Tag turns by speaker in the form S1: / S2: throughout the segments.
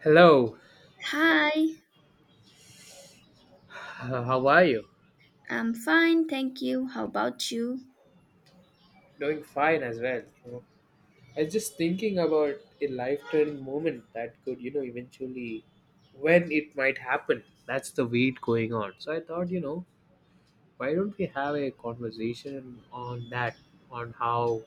S1: Hello,
S2: Hi,
S1: how are you?
S2: I'm fine, thank you. How about you?
S1: Doing fine as well. I was just thinking about a life-turning moment that could, eventually, when it might happen. That's the wait going on. So I thought, why don't we have a conversation on that, on how,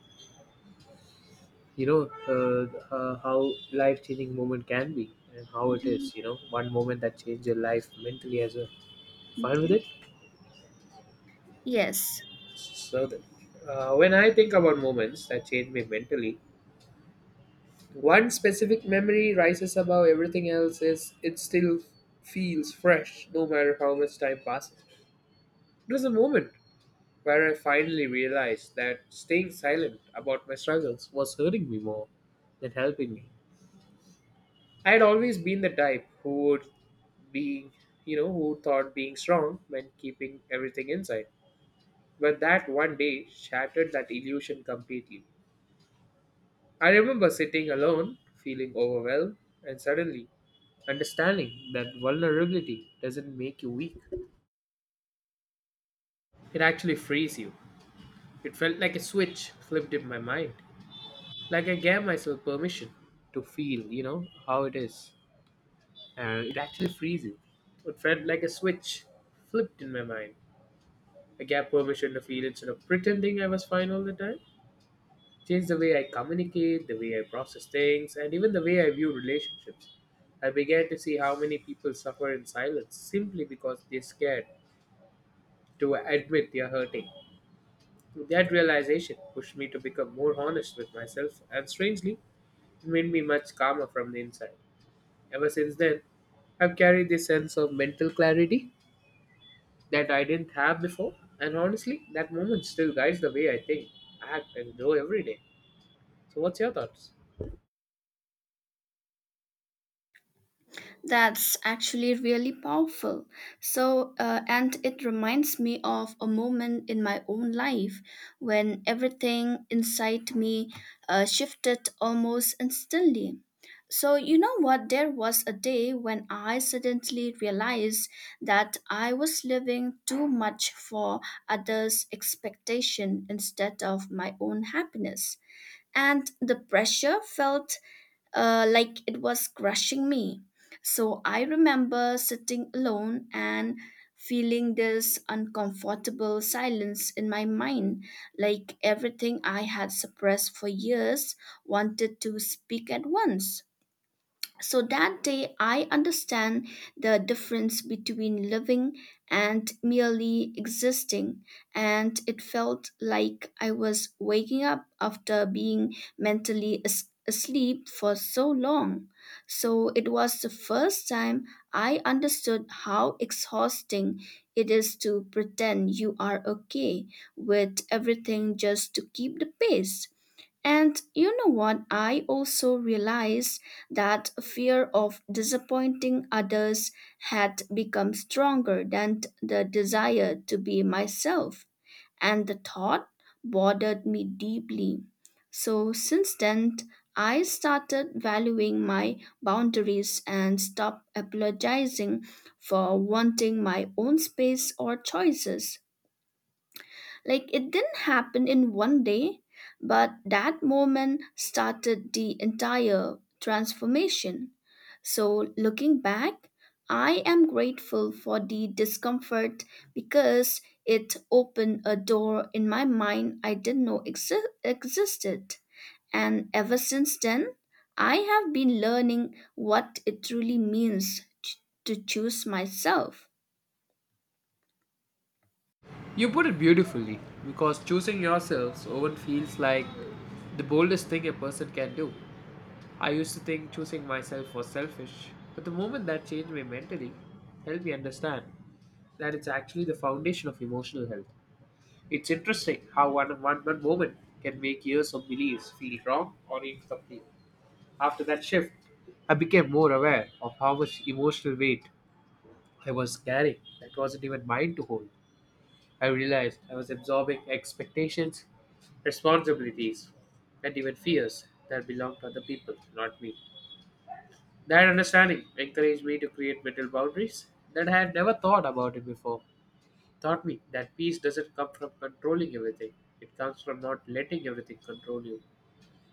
S1: how life-changing moment can be and how it
S2: Mhm.
S1: is, one moment that changed your life mentally as well. Fine with
S2: Okay.
S1: it?
S2: Yes.
S1: So, that, when I think about moments that change me mentally, one specific memory rises above everything else is it still feels fresh no matter how much time passes. It was a moment where I finally realized that staying silent about my struggles was hurting me more than helping me. I had always been the type who would be, who thought being strong meant keeping everything inside, but that one day shattered that illusion completely. I remember sitting alone feeling overwhelmed, and suddenly understanding that vulnerability doesn't make you weak, it actually frees you. It felt like a switch flipped in my mind. Like I gave myself permission to feel how it is. And it actually frees you. It felt like a switch flipped in my mind. I gave permission to feel instead of pretending I was fine all the time. Changed the way I communicate, the way I process things, and even the way I view relationships. I began to see how many people suffer in silence simply because they're scared to admit they're hurting. That realization pushed me to become more honest with myself, and strangely, it made me much calmer from the inside. Ever since then, I've carried this sense of mental clarity that I didn't have before, and honestly, that moment still guides the way I think, act, and grow every day. So, what's your thoughts?
S2: That's actually really powerful. So, and it reminds me of a moment in my own life when everything inside me shifted almost instantly. So, you know what? There was a day when I suddenly realized that I was living too much for others' expectation instead of my own happiness. And the pressure felt like it was crushing me. So I remember sitting alone and feeling this uncomfortable silence in my mind, like everything I had suppressed for years wanted to speak at once. So that day, I understand the difference between living and merely existing, and it felt like I was waking up after being mentally asleep for so long. So it was the first time I understood how exhausting it is to pretend you are okay with everything just to keep the pace. And you know what? I also realized that fear of disappointing others had become stronger than the desire to be myself, and the thought bothered me deeply. So, since then, I started valuing my boundaries and stopped apologizing for wanting my own space or choices. Like it didn't happen in one day, but that moment started the entire transformation. So, looking back, I am grateful for the discomfort because it opened a door in my mind I didn't know existed. And ever since then, I have been learning what it truly means to choose myself.
S1: You put it beautifully because choosing yourselves often feels like the boldest thing a person can do. I used to think choosing myself was selfish, but the moment that changed me mentally helped me understand that it's actually the foundation of emotional health. It's interesting how one moment can make years of beliefs feel wrong or incomplete. After that shift, I became more aware of how much emotional weight I was carrying that wasn't even mine to hold. I realized I was absorbing expectations, responsibilities, and even fears that belonged to other people, not me. That understanding encouraged me to create mental boundaries that I had never thought about it before. Taught me that peace doesn't come from controlling everything, it comes from not letting everything control you.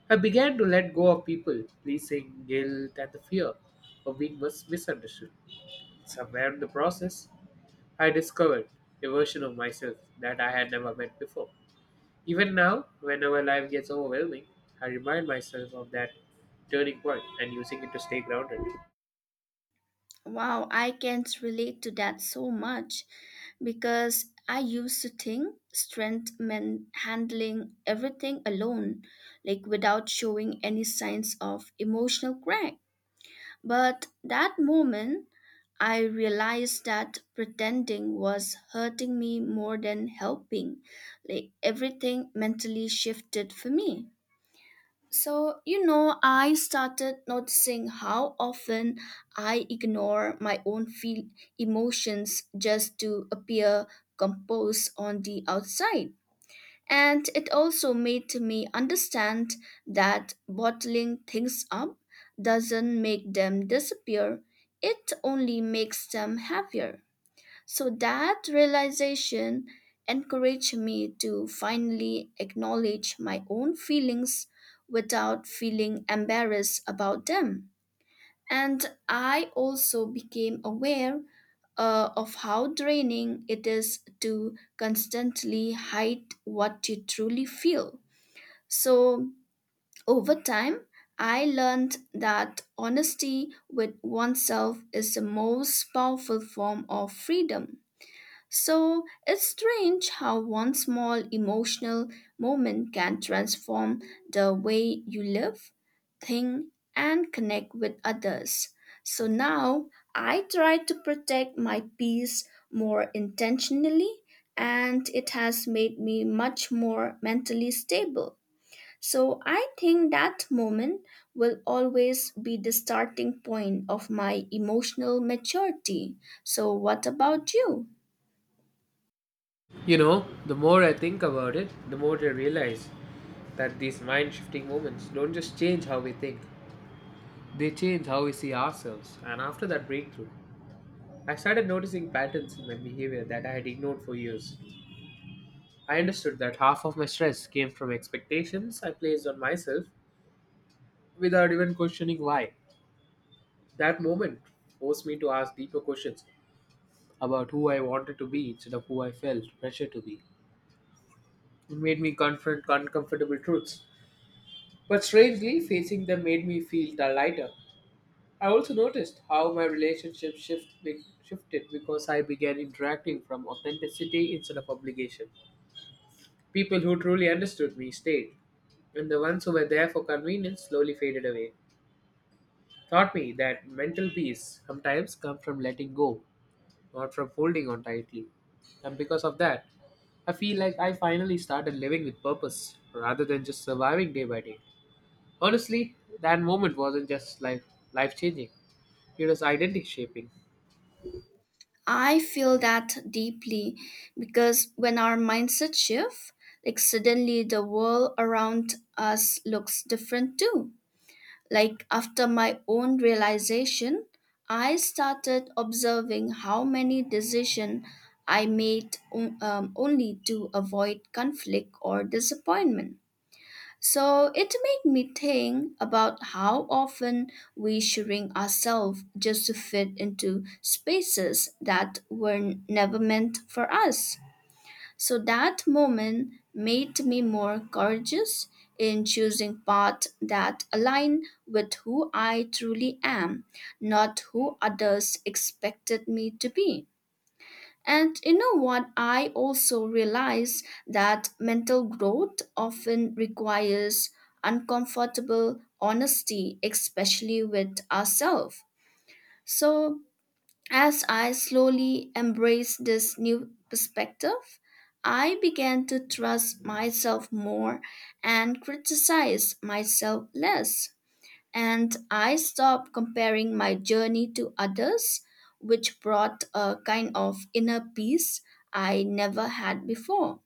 S1: I began to let go of people, pleasing, guilt, and the fear of being misunderstood. Somewhere in the process, I discovered a version of myself that I had never met before. Even now, whenever life gets overwhelming, I remind myself of that turning point and using it to stay grounded.
S2: Wow, I can't relate to that so much because I used to think strength meant handling everything alone, like without showing any signs of emotional crack. But that moment, I realized that pretending was hurting me more than helping. Like everything mentally shifted for me. So, you know, I started noticing how often I ignore my own feel emotions just to appear composed on the outside. And it also made me understand that bottling things up doesn't make them disappear, it only makes them heavier. So that realization encouraged me to finally acknowledge my own feelings without feeling embarrassed about them. And I also became aware of how draining it is to constantly hide what you truly feel. So, over time, I learned that honesty with oneself is the most powerful form of freedom. So it's strange how one small emotional moment can transform the way you live, think, and connect with others. So now I try to protect my peace more intentionally, and it has made me much more mentally stable. So I think that moment will always be the starting point of my emotional maturity. So, what about you?
S1: You know, the more I think about it, the more I realize that these mind shifting moments don't just change how we think, they change how we see ourselves. And after that breakthrough, I started noticing patterns in my behavior that I had ignored for years. I understood that half of my stress came from expectations I placed on myself without even questioning why. That moment forced me to ask deeper questions about who I wanted to be instead of who I felt pressure to be. It made me confront uncomfortable truths. But strangely, facing them made me feel the lighter. I also noticed how my shifted because I began interacting from authenticity instead of obligation. People who truly understood me stayed, and the ones who were there for convenience slowly faded away. Taught me that mental peace sometimes comes from letting go, not from holding on tightly. And because of that, I feel like I finally started living with purpose rather than just surviving day by day. Honestly, that moment wasn't just like life changing, it was identity shaping.
S2: I feel that deeply because when our mindset shift, like suddenly the world around us looks different too. Like after my own realization, I started observing how many decisions I made only to avoid conflict or disappointment. So it made me think about how often we shrink ourselves just to fit into spaces that were never meant for us. So that moment made me more courageous in choosing paths that align with who I truly am, not who others expected me to be. And you know what? I also realize that mental growth often requires uncomfortable honesty, especially with ourselves. So, as I slowly embraced this new perspective, I began to trust myself more and criticize myself less and I stopped comparing my journey to others, which brought a kind of inner peace I never had before.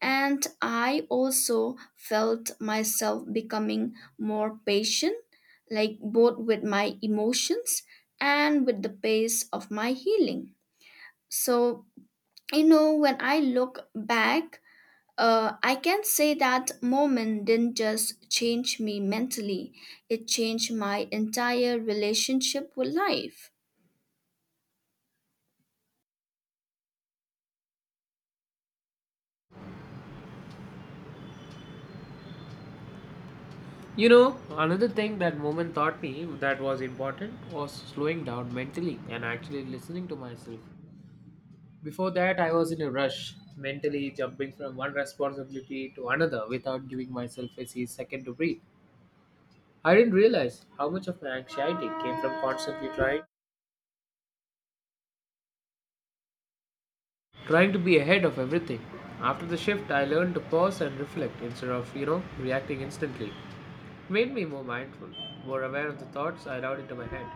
S2: And I also felt myself becoming more patient, like both with my emotions and with the pace of my healing. So, you know, when I look back, I can say that moment didn't just change me mentally, it changed my entire relationship with life.
S1: You know, another thing that moment taught me that was important was slowing down mentally and actually listening to myself. Before that, I was in a rush, mentally jumping from one responsibility to another without giving myself a second to breathe. I didn't realize how much of my anxiety came from constantly trying to be ahead of everything. After the shift, I learned to pause and reflect instead of, reacting instantly. Made me more mindful, more aware of the thoughts I allowed into my head,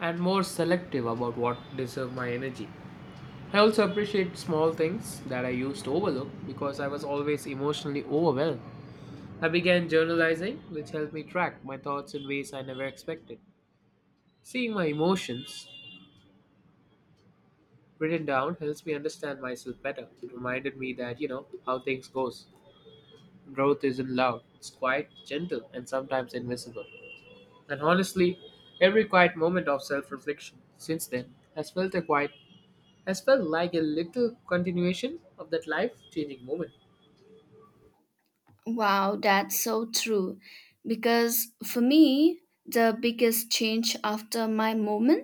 S1: and more selective about what deserve my energy. I also appreciate small things that I used to overlook because I was always emotionally overwhelmed. I began journalizing, which helped me track my thoughts in ways I never expected. Seeing my emotions written down helps me understand myself better. It reminded me that, how things goes. Growth isn't loud. It's quite gentle, and sometimes invisible. And honestly, every quiet moment of self-reflection since then has felt like a little continuation of that life-changing moment.
S2: Wow, that's so true. Because for me, the biggest change after my moment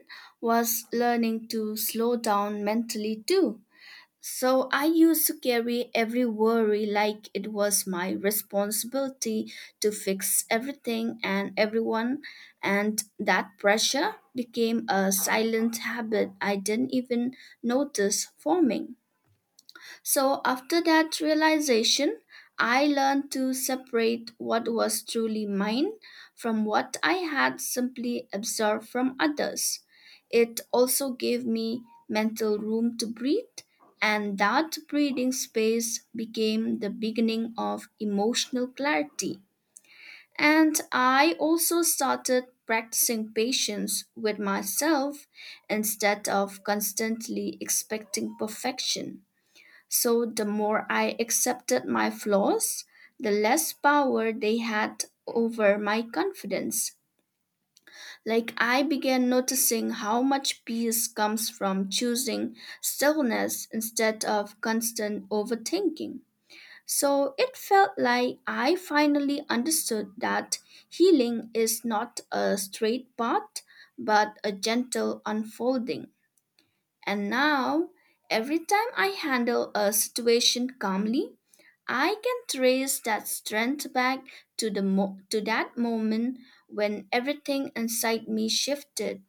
S2: was learning to slow down mentally too. So I used to carry every worry like it was my responsibility to fix everything and everyone, and that pressure became a silent habit I didn't even notice forming. So, after that realization, I learned to separate what was truly mine from what I had simply absorbed from others. It also gave me mental room to breathe, and that breathing space became the beginning of emotional clarity. And I also started practicing patience with myself instead of constantly expecting perfection. So the more I accepted my flaws, the less power they had over my confidence. Like I began noticing how much peace comes from choosing stillness instead of constant overthinking. So it felt like I finally understood that healing is not a straight path, but a gentle unfolding. And now, every time I handle a situation calmly, I can trace that strength back to the mo- to that moment when everything inside me shifted.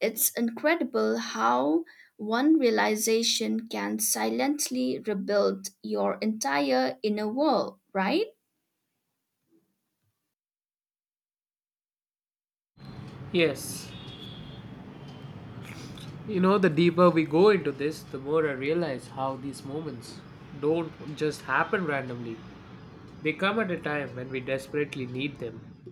S2: It's incredible how one realization can silently rebuild your entire inner world, right?
S1: Yes. You know, the deeper we go into this, the more I realize how these moments don't just happen randomly. They come at a time when we desperately need them.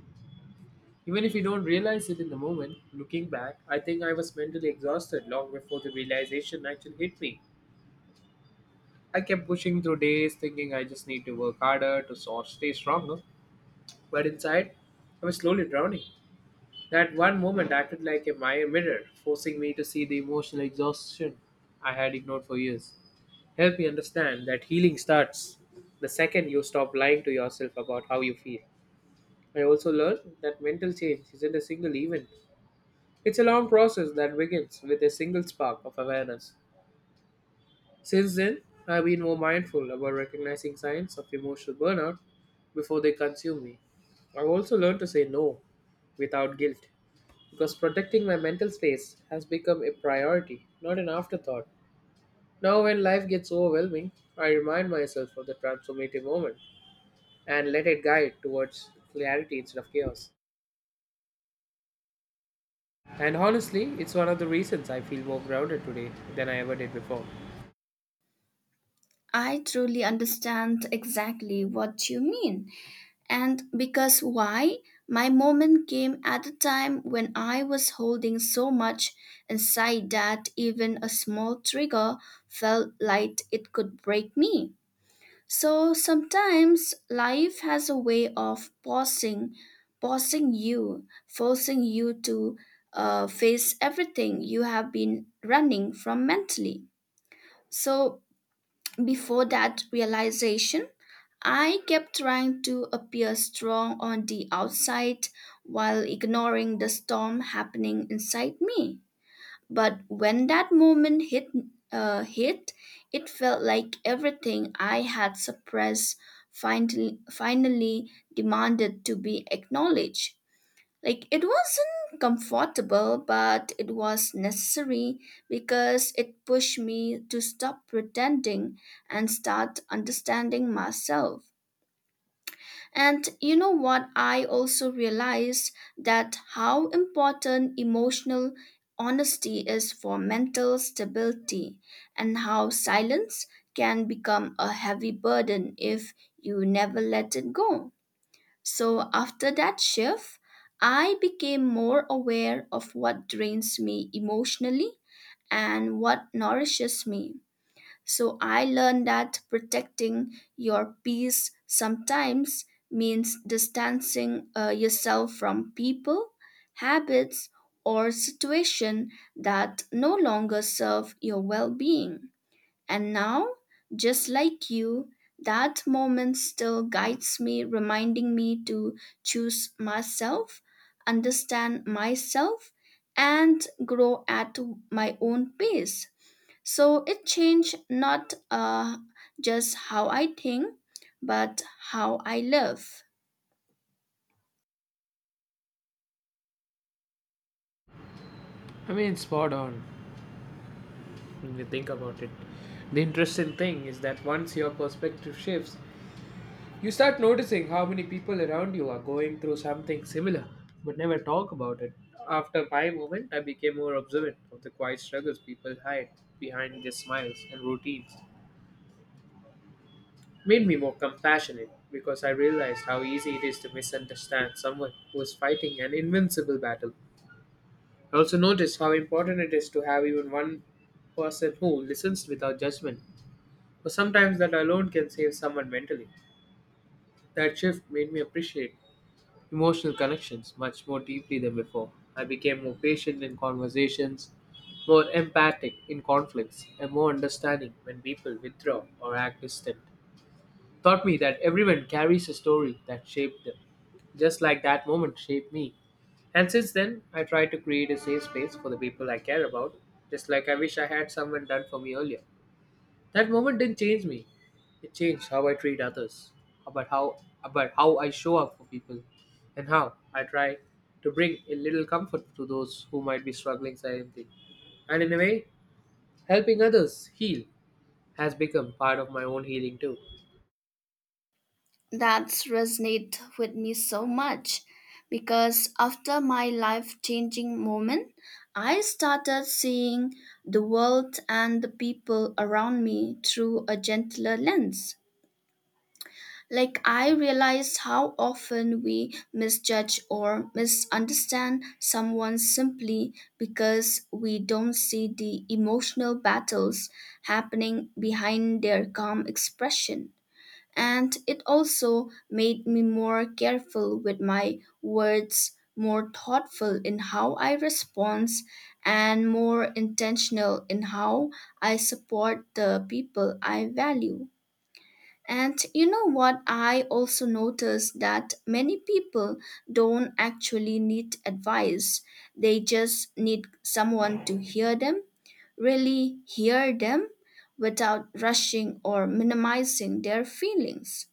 S1: Even if you don't realize it in the moment, looking back, I think I was mentally exhausted long before the realization actually hit me. I kept pushing through days thinking I just need to work harder to sort stay stronger, but inside, I was slowly drowning. That one moment acted like a mirror, forcing me to see the emotional exhaustion I had ignored for years. Help me understand that healing starts the second you stop lying to yourself about how you feel. I also learned that mental change isn't a single event. It's a long process that begins with a single spark of awareness. Since then, I've been more mindful about recognizing signs of emotional burnout before they consume me. I've also learned to say no without guilt because protecting my mental space has become a priority, not an afterthought. Now, when life gets overwhelming, I remind myself of the transformative moment and let it guide towards clarity instead of chaos. And honestly, it's one of the reasons I feel more grounded today than I ever did before.
S2: I truly understand exactly what you mean. And because why? My moment came at a time when I was holding so much inside that even a small trigger felt like it could break me. So sometimes life has a way of pausing you, forcing you to face everything you have been running from mentally. So before that realization, I kept trying to appear strong on the outside while ignoring the storm happening inside me. But when that moment hit, uh, hit, it felt like everything I had suppressed finally demanded to be acknowledged. Like it wasn't comfortable, but it was necessary because it pushed me to stop pretending and start understanding myself. And you know what? I also realized that how important emotional honesty is for mental stability and how silence can become a heavy burden if you never let it go. So after that shift, I became more aware of what drains me emotionally and what nourishes me so I learned that protecting your peace sometimes means distancing yourself from people, habits, or situation that no longer serve your well-being. And now, just like you, that moment still guides me, reminding me to choose myself, understand myself, and grow at my own pace. So it changed not just how I think, but how I live.
S1: I mean, spot on when you think about it. The interesting thing is that once your perspective shifts, you start noticing how many people around you are going through something similar but never talk about it. After my movement, I became more observant of the quiet struggles people hide behind their smiles and routines. Made me more compassionate because I realized how easy it is to misunderstand someone who is fighting an invincible battle. I also noticed how important it is to have even one person who listens without judgment. But sometimes that alone can save someone mentally. That shift made me appreciate emotional connections much more deeply than before. I became more patient in conversations, more empathic in conflicts, and more understanding when people withdraw or act distant. Taught me that everyone carries a story that shaped them, just like that moment shaped me. And since then, I try to create a safe space for the people I care about, just like I wish I had someone done for me earlier. That moment didn't change me. It changed how I treat others, about how about how I show up for people, and how I try to bring a little comfort to those who might be struggling silently. And in a way, helping others heal has become part of my own healing too.
S2: That's resonate with me so much because after my life changing moment, I started seeing the world and the people around me through a gentler lens. Like, I realized how often we misjudge or misunderstand someone simply because we don't see the emotional battles happening behind their calm expression. And it also made me more careful with my words, more thoughtful in how I respond, and more intentional in how I support the people I value. And you know what? I also noticed that many people don't actually need advice. They just need someone to hear them, really hear them without rushing or minimizing their feelings.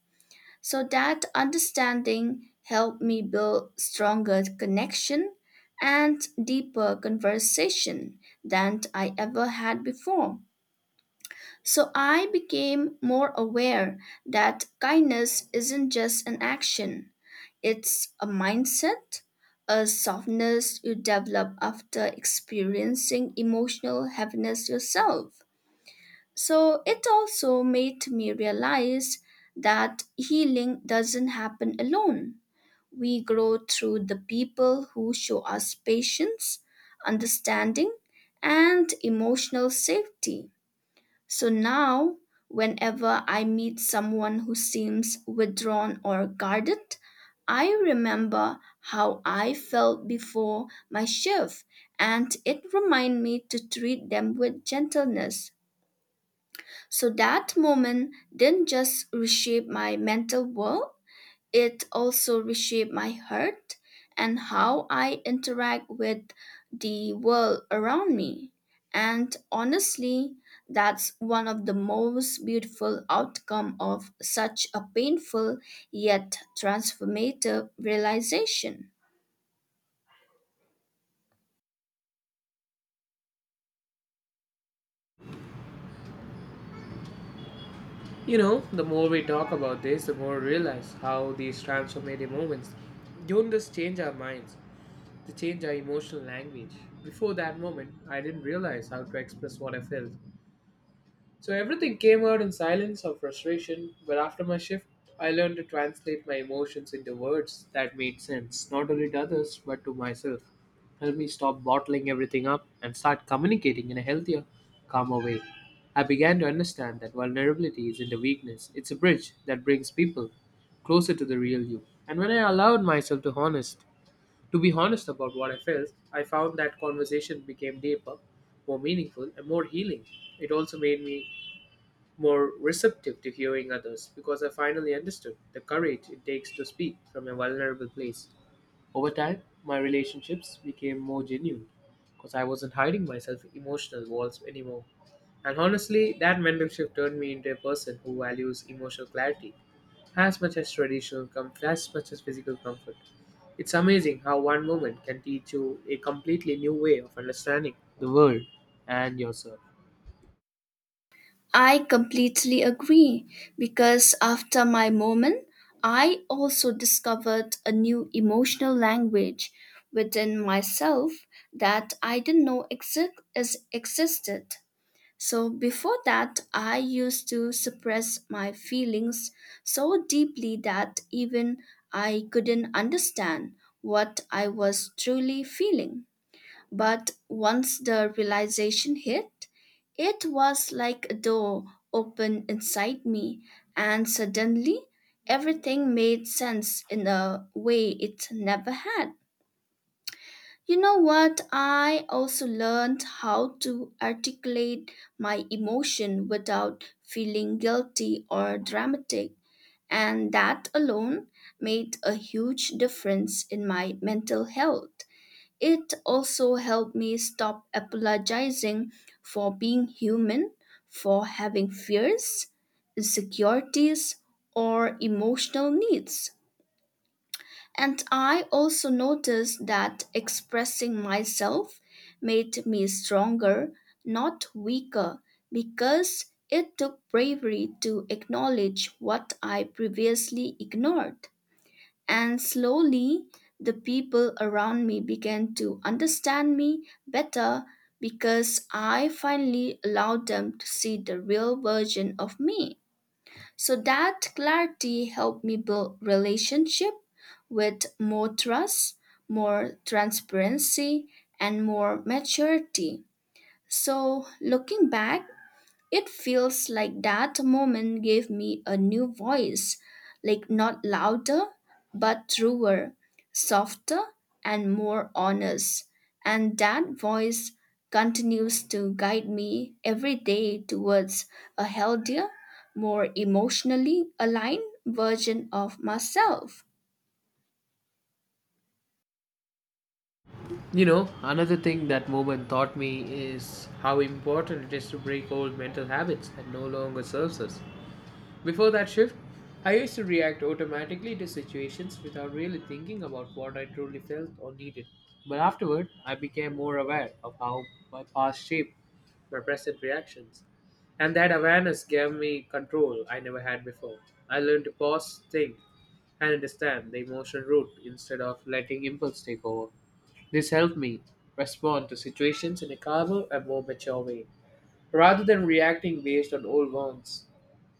S2: So that understanding helped me build stronger connection and deeper conversation than I ever had before. So I became more aware that kindness isn't just an action, it's a mindset, a softness you develop after experiencing emotional heaviness yourself. So it also made me realize that healing doesn't happen alone. We grow through the people who show us patience, understanding, and emotional safety. So now, whenever I meet someone who seems withdrawn or guarded, I remember how I felt before my shift and it reminded me to treat them with gentleness. So that moment didn't just reshape my mental world, it also reshaped my heart and how I interact with the world around me. And honestly, that's one of the most beautiful outcome of such a painful yet transformative realization.
S1: You know, the more we talk about this, the more I realize how these transformative moments don't just change our minds, they change our emotional language. Before that moment, I didn't realize how to express what I felt. So everything came out in silence or frustration, but after my shift, I learned to translate my emotions into words that made sense, not only to others, but to myself. Help me stop bottling everything up and start communicating in a healthier, calmer way. I began to understand that vulnerability isn't a weakness, it's a bridge that brings people closer to the real you. And when I allowed myself to be honest about what I felt, I found that conversation became deeper, more meaningful, and more healing. It also made me more receptive to hearing others because I finally understood the courage it takes to speak from a vulnerable place. Over time, my relationships became more genuine because I wasn't hiding myself in emotional walls anymore. And honestly, that mental shift turned me into a person who values emotional clarity as much as physical comfort. It's amazing how one moment can teach you a completely new way of understanding the world and yourself.
S2: I completely agree because after my moment, I also discovered a new emotional language within myself that I didn't know existed. So before that, I used to suppress my feelings so deeply that even I couldn't understand what I was truly feeling. But once the realization hit, it was like a door opened inside me, and suddenly everything made sense in a way it never had. You know what? I also learned how to articulate my emotion without feeling guilty or dramatic, and that alone made a huge difference in my mental health. It also helped me stop apologizing for being human, for having fears, insecurities, or emotional needs. And I also noticed that expressing myself made me stronger, not weaker, because it took bravery to acknowledge what I previously ignored. And slowly, the people around me began to understand me better because I finally allowed them to see the real version of me. So that clarity helped me build relationship with more trust, more transparency, and more maturity. So looking back, it feels like that moment gave me a new voice, like not louder, but truer, softer, and more honest. And that voice continues to guide me every day towards a healthier, more emotionally aligned version of myself.
S1: You know, another thing that moment taught me is how important it is to break old mental habits that no longer serves us. Before that shift, I used to react automatically to situations without really thinking about what I truly felt or needed. But afterward, I became more aware of how my past shaped my present reactions. And that awareness gave me control I never had before. I learned to pause, think, and understand the emotional root instead of letting impulse take over. This helped me respond to situations in a calmer and more mature way, rather than reacting based on old wounds.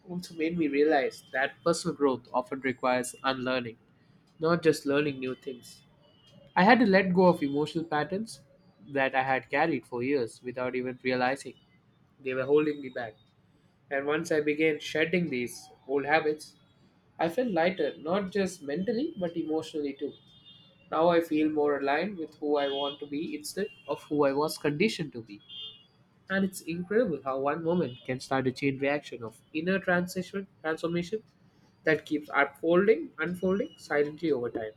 S1: Also made me realize that personal growth often requires unlearning, not just learning new things. I had to let go of emotional patterns that I had carried for years without even realizing they were holding me back. And once I began shedding these old habits, I felt lighter, not just mentally but emotionally too. Now I feel more aligned with who I want to be instead of who I was conditioned to be. And it's incredible how one moment can start a chain reaction of inner transition transformation that keeps unfolding silently over time.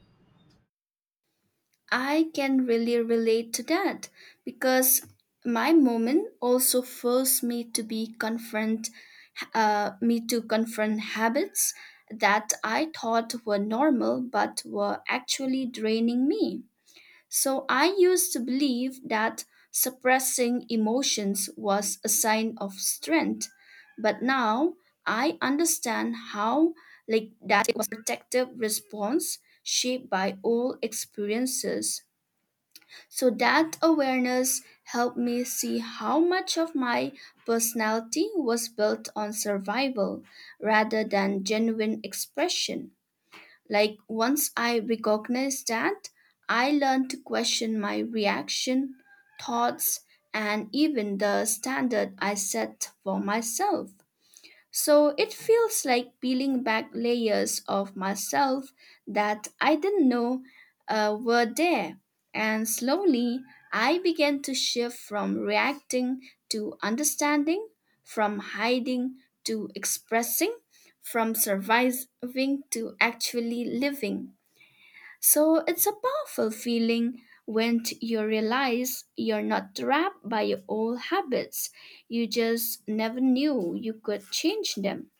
S2: I can really relate to that because my moment also forced me to confront habits that I thought were normal but were actually draining me. So I used to believe that suppressing emotions was a sign of strength, but now I understand how like that it was a protective response shaped by old experiences so that awareness helped me see how much of my personality was built on survival rather than genuine expression. Like once I recognized that, I learned to question my reaction, thoughts, and even the standard I set for myself. So it feels like peeling back layers of myself that I didn't know were there. And slowly, I began to shift from reacting to understanding, from hiding to expressing, from surviving to actually living. So it's a powerful feeling when you realize you're not trapped by your old habits. You just never knew you could change them.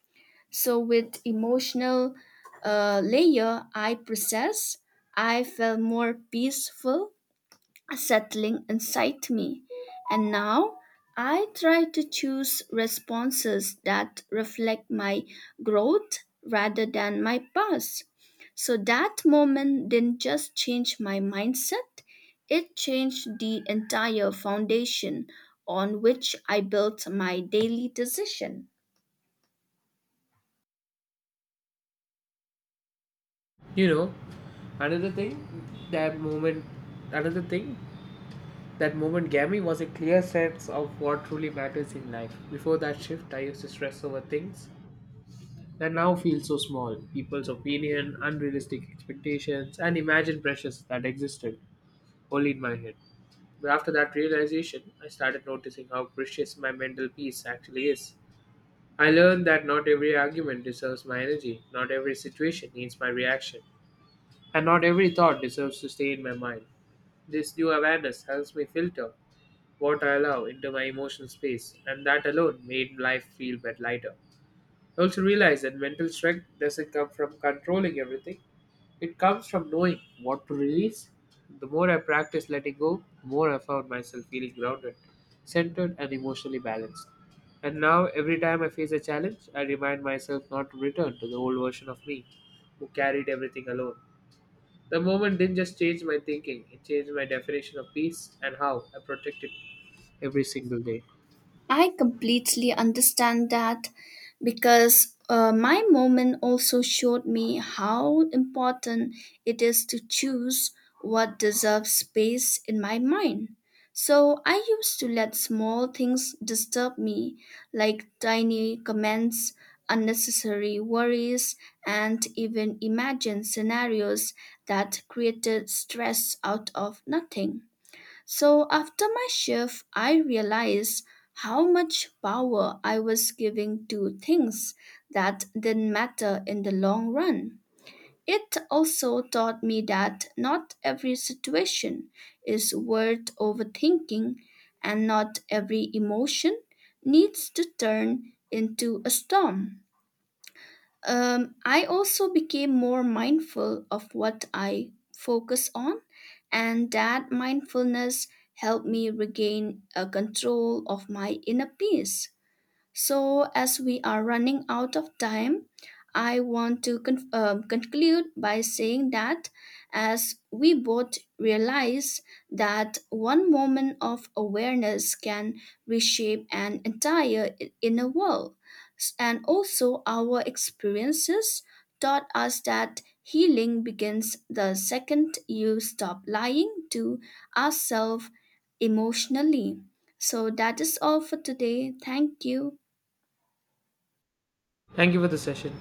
S2: So with emotional layer I process, I felt more peaceful settling inside me. And now I try to choose responses that reflect my growth rather than my past. So that moment didn't just change my mindset, it changed the entire foundation on which I built my daily decision.
S1: You know, another thing that moment another thing that moment gave me was a clear sense of what truly matters in life. Before that shift, I used to stress over things that now feel so small. People's opinion, unrealistic expectations, and imagined pressures that existed only in my head. But after that realization, I started noticing how precious my mental peace actually is. I learned that not every argument deserves my energy, not every situation needs my reaction, and not every thought deserves to stay in my mind. This new awareness helps me filter what I allow into my emotional space, and that alone made life feel a bit lighter. I also realized that mental strength doesn't come from controlling everything, it comes from knowing what to release. The more I practiced letting go, the more I found myself feeling grounded, centered, and emotionally balanced. And now, every time I face a challenge, I remind myself not to return to the old version of me who carried everything alone. The moment didn't just change my thinking, it changed my definition of peace and how I protect it every single day.
S2: I completely understand that because my moment also showed me how important it is to choose what deserves space in my mind. So I used to let small things disturb me, like tiny comments, unnecessary worries, and even imagine scenarios that created stress out of nothing. So after my shift, I realized how much power I was giving to things that didn't matter in the long run. It also taught me that not every situation is worth overthinking and not every emotion needs to turn into a storm. I also became more mindful of what I focus on, and that mindfulness helped me regain a control of my inner peace. So, as we are running out of time, I want to conclude by saying that as we both realize that one moment of awareness can reshape an entire inner world, and also our experiences taught us that healing begins the second you stop lying to ourselves emotionally. So, that is all for today. Thank you.
S1: Thank you for the session.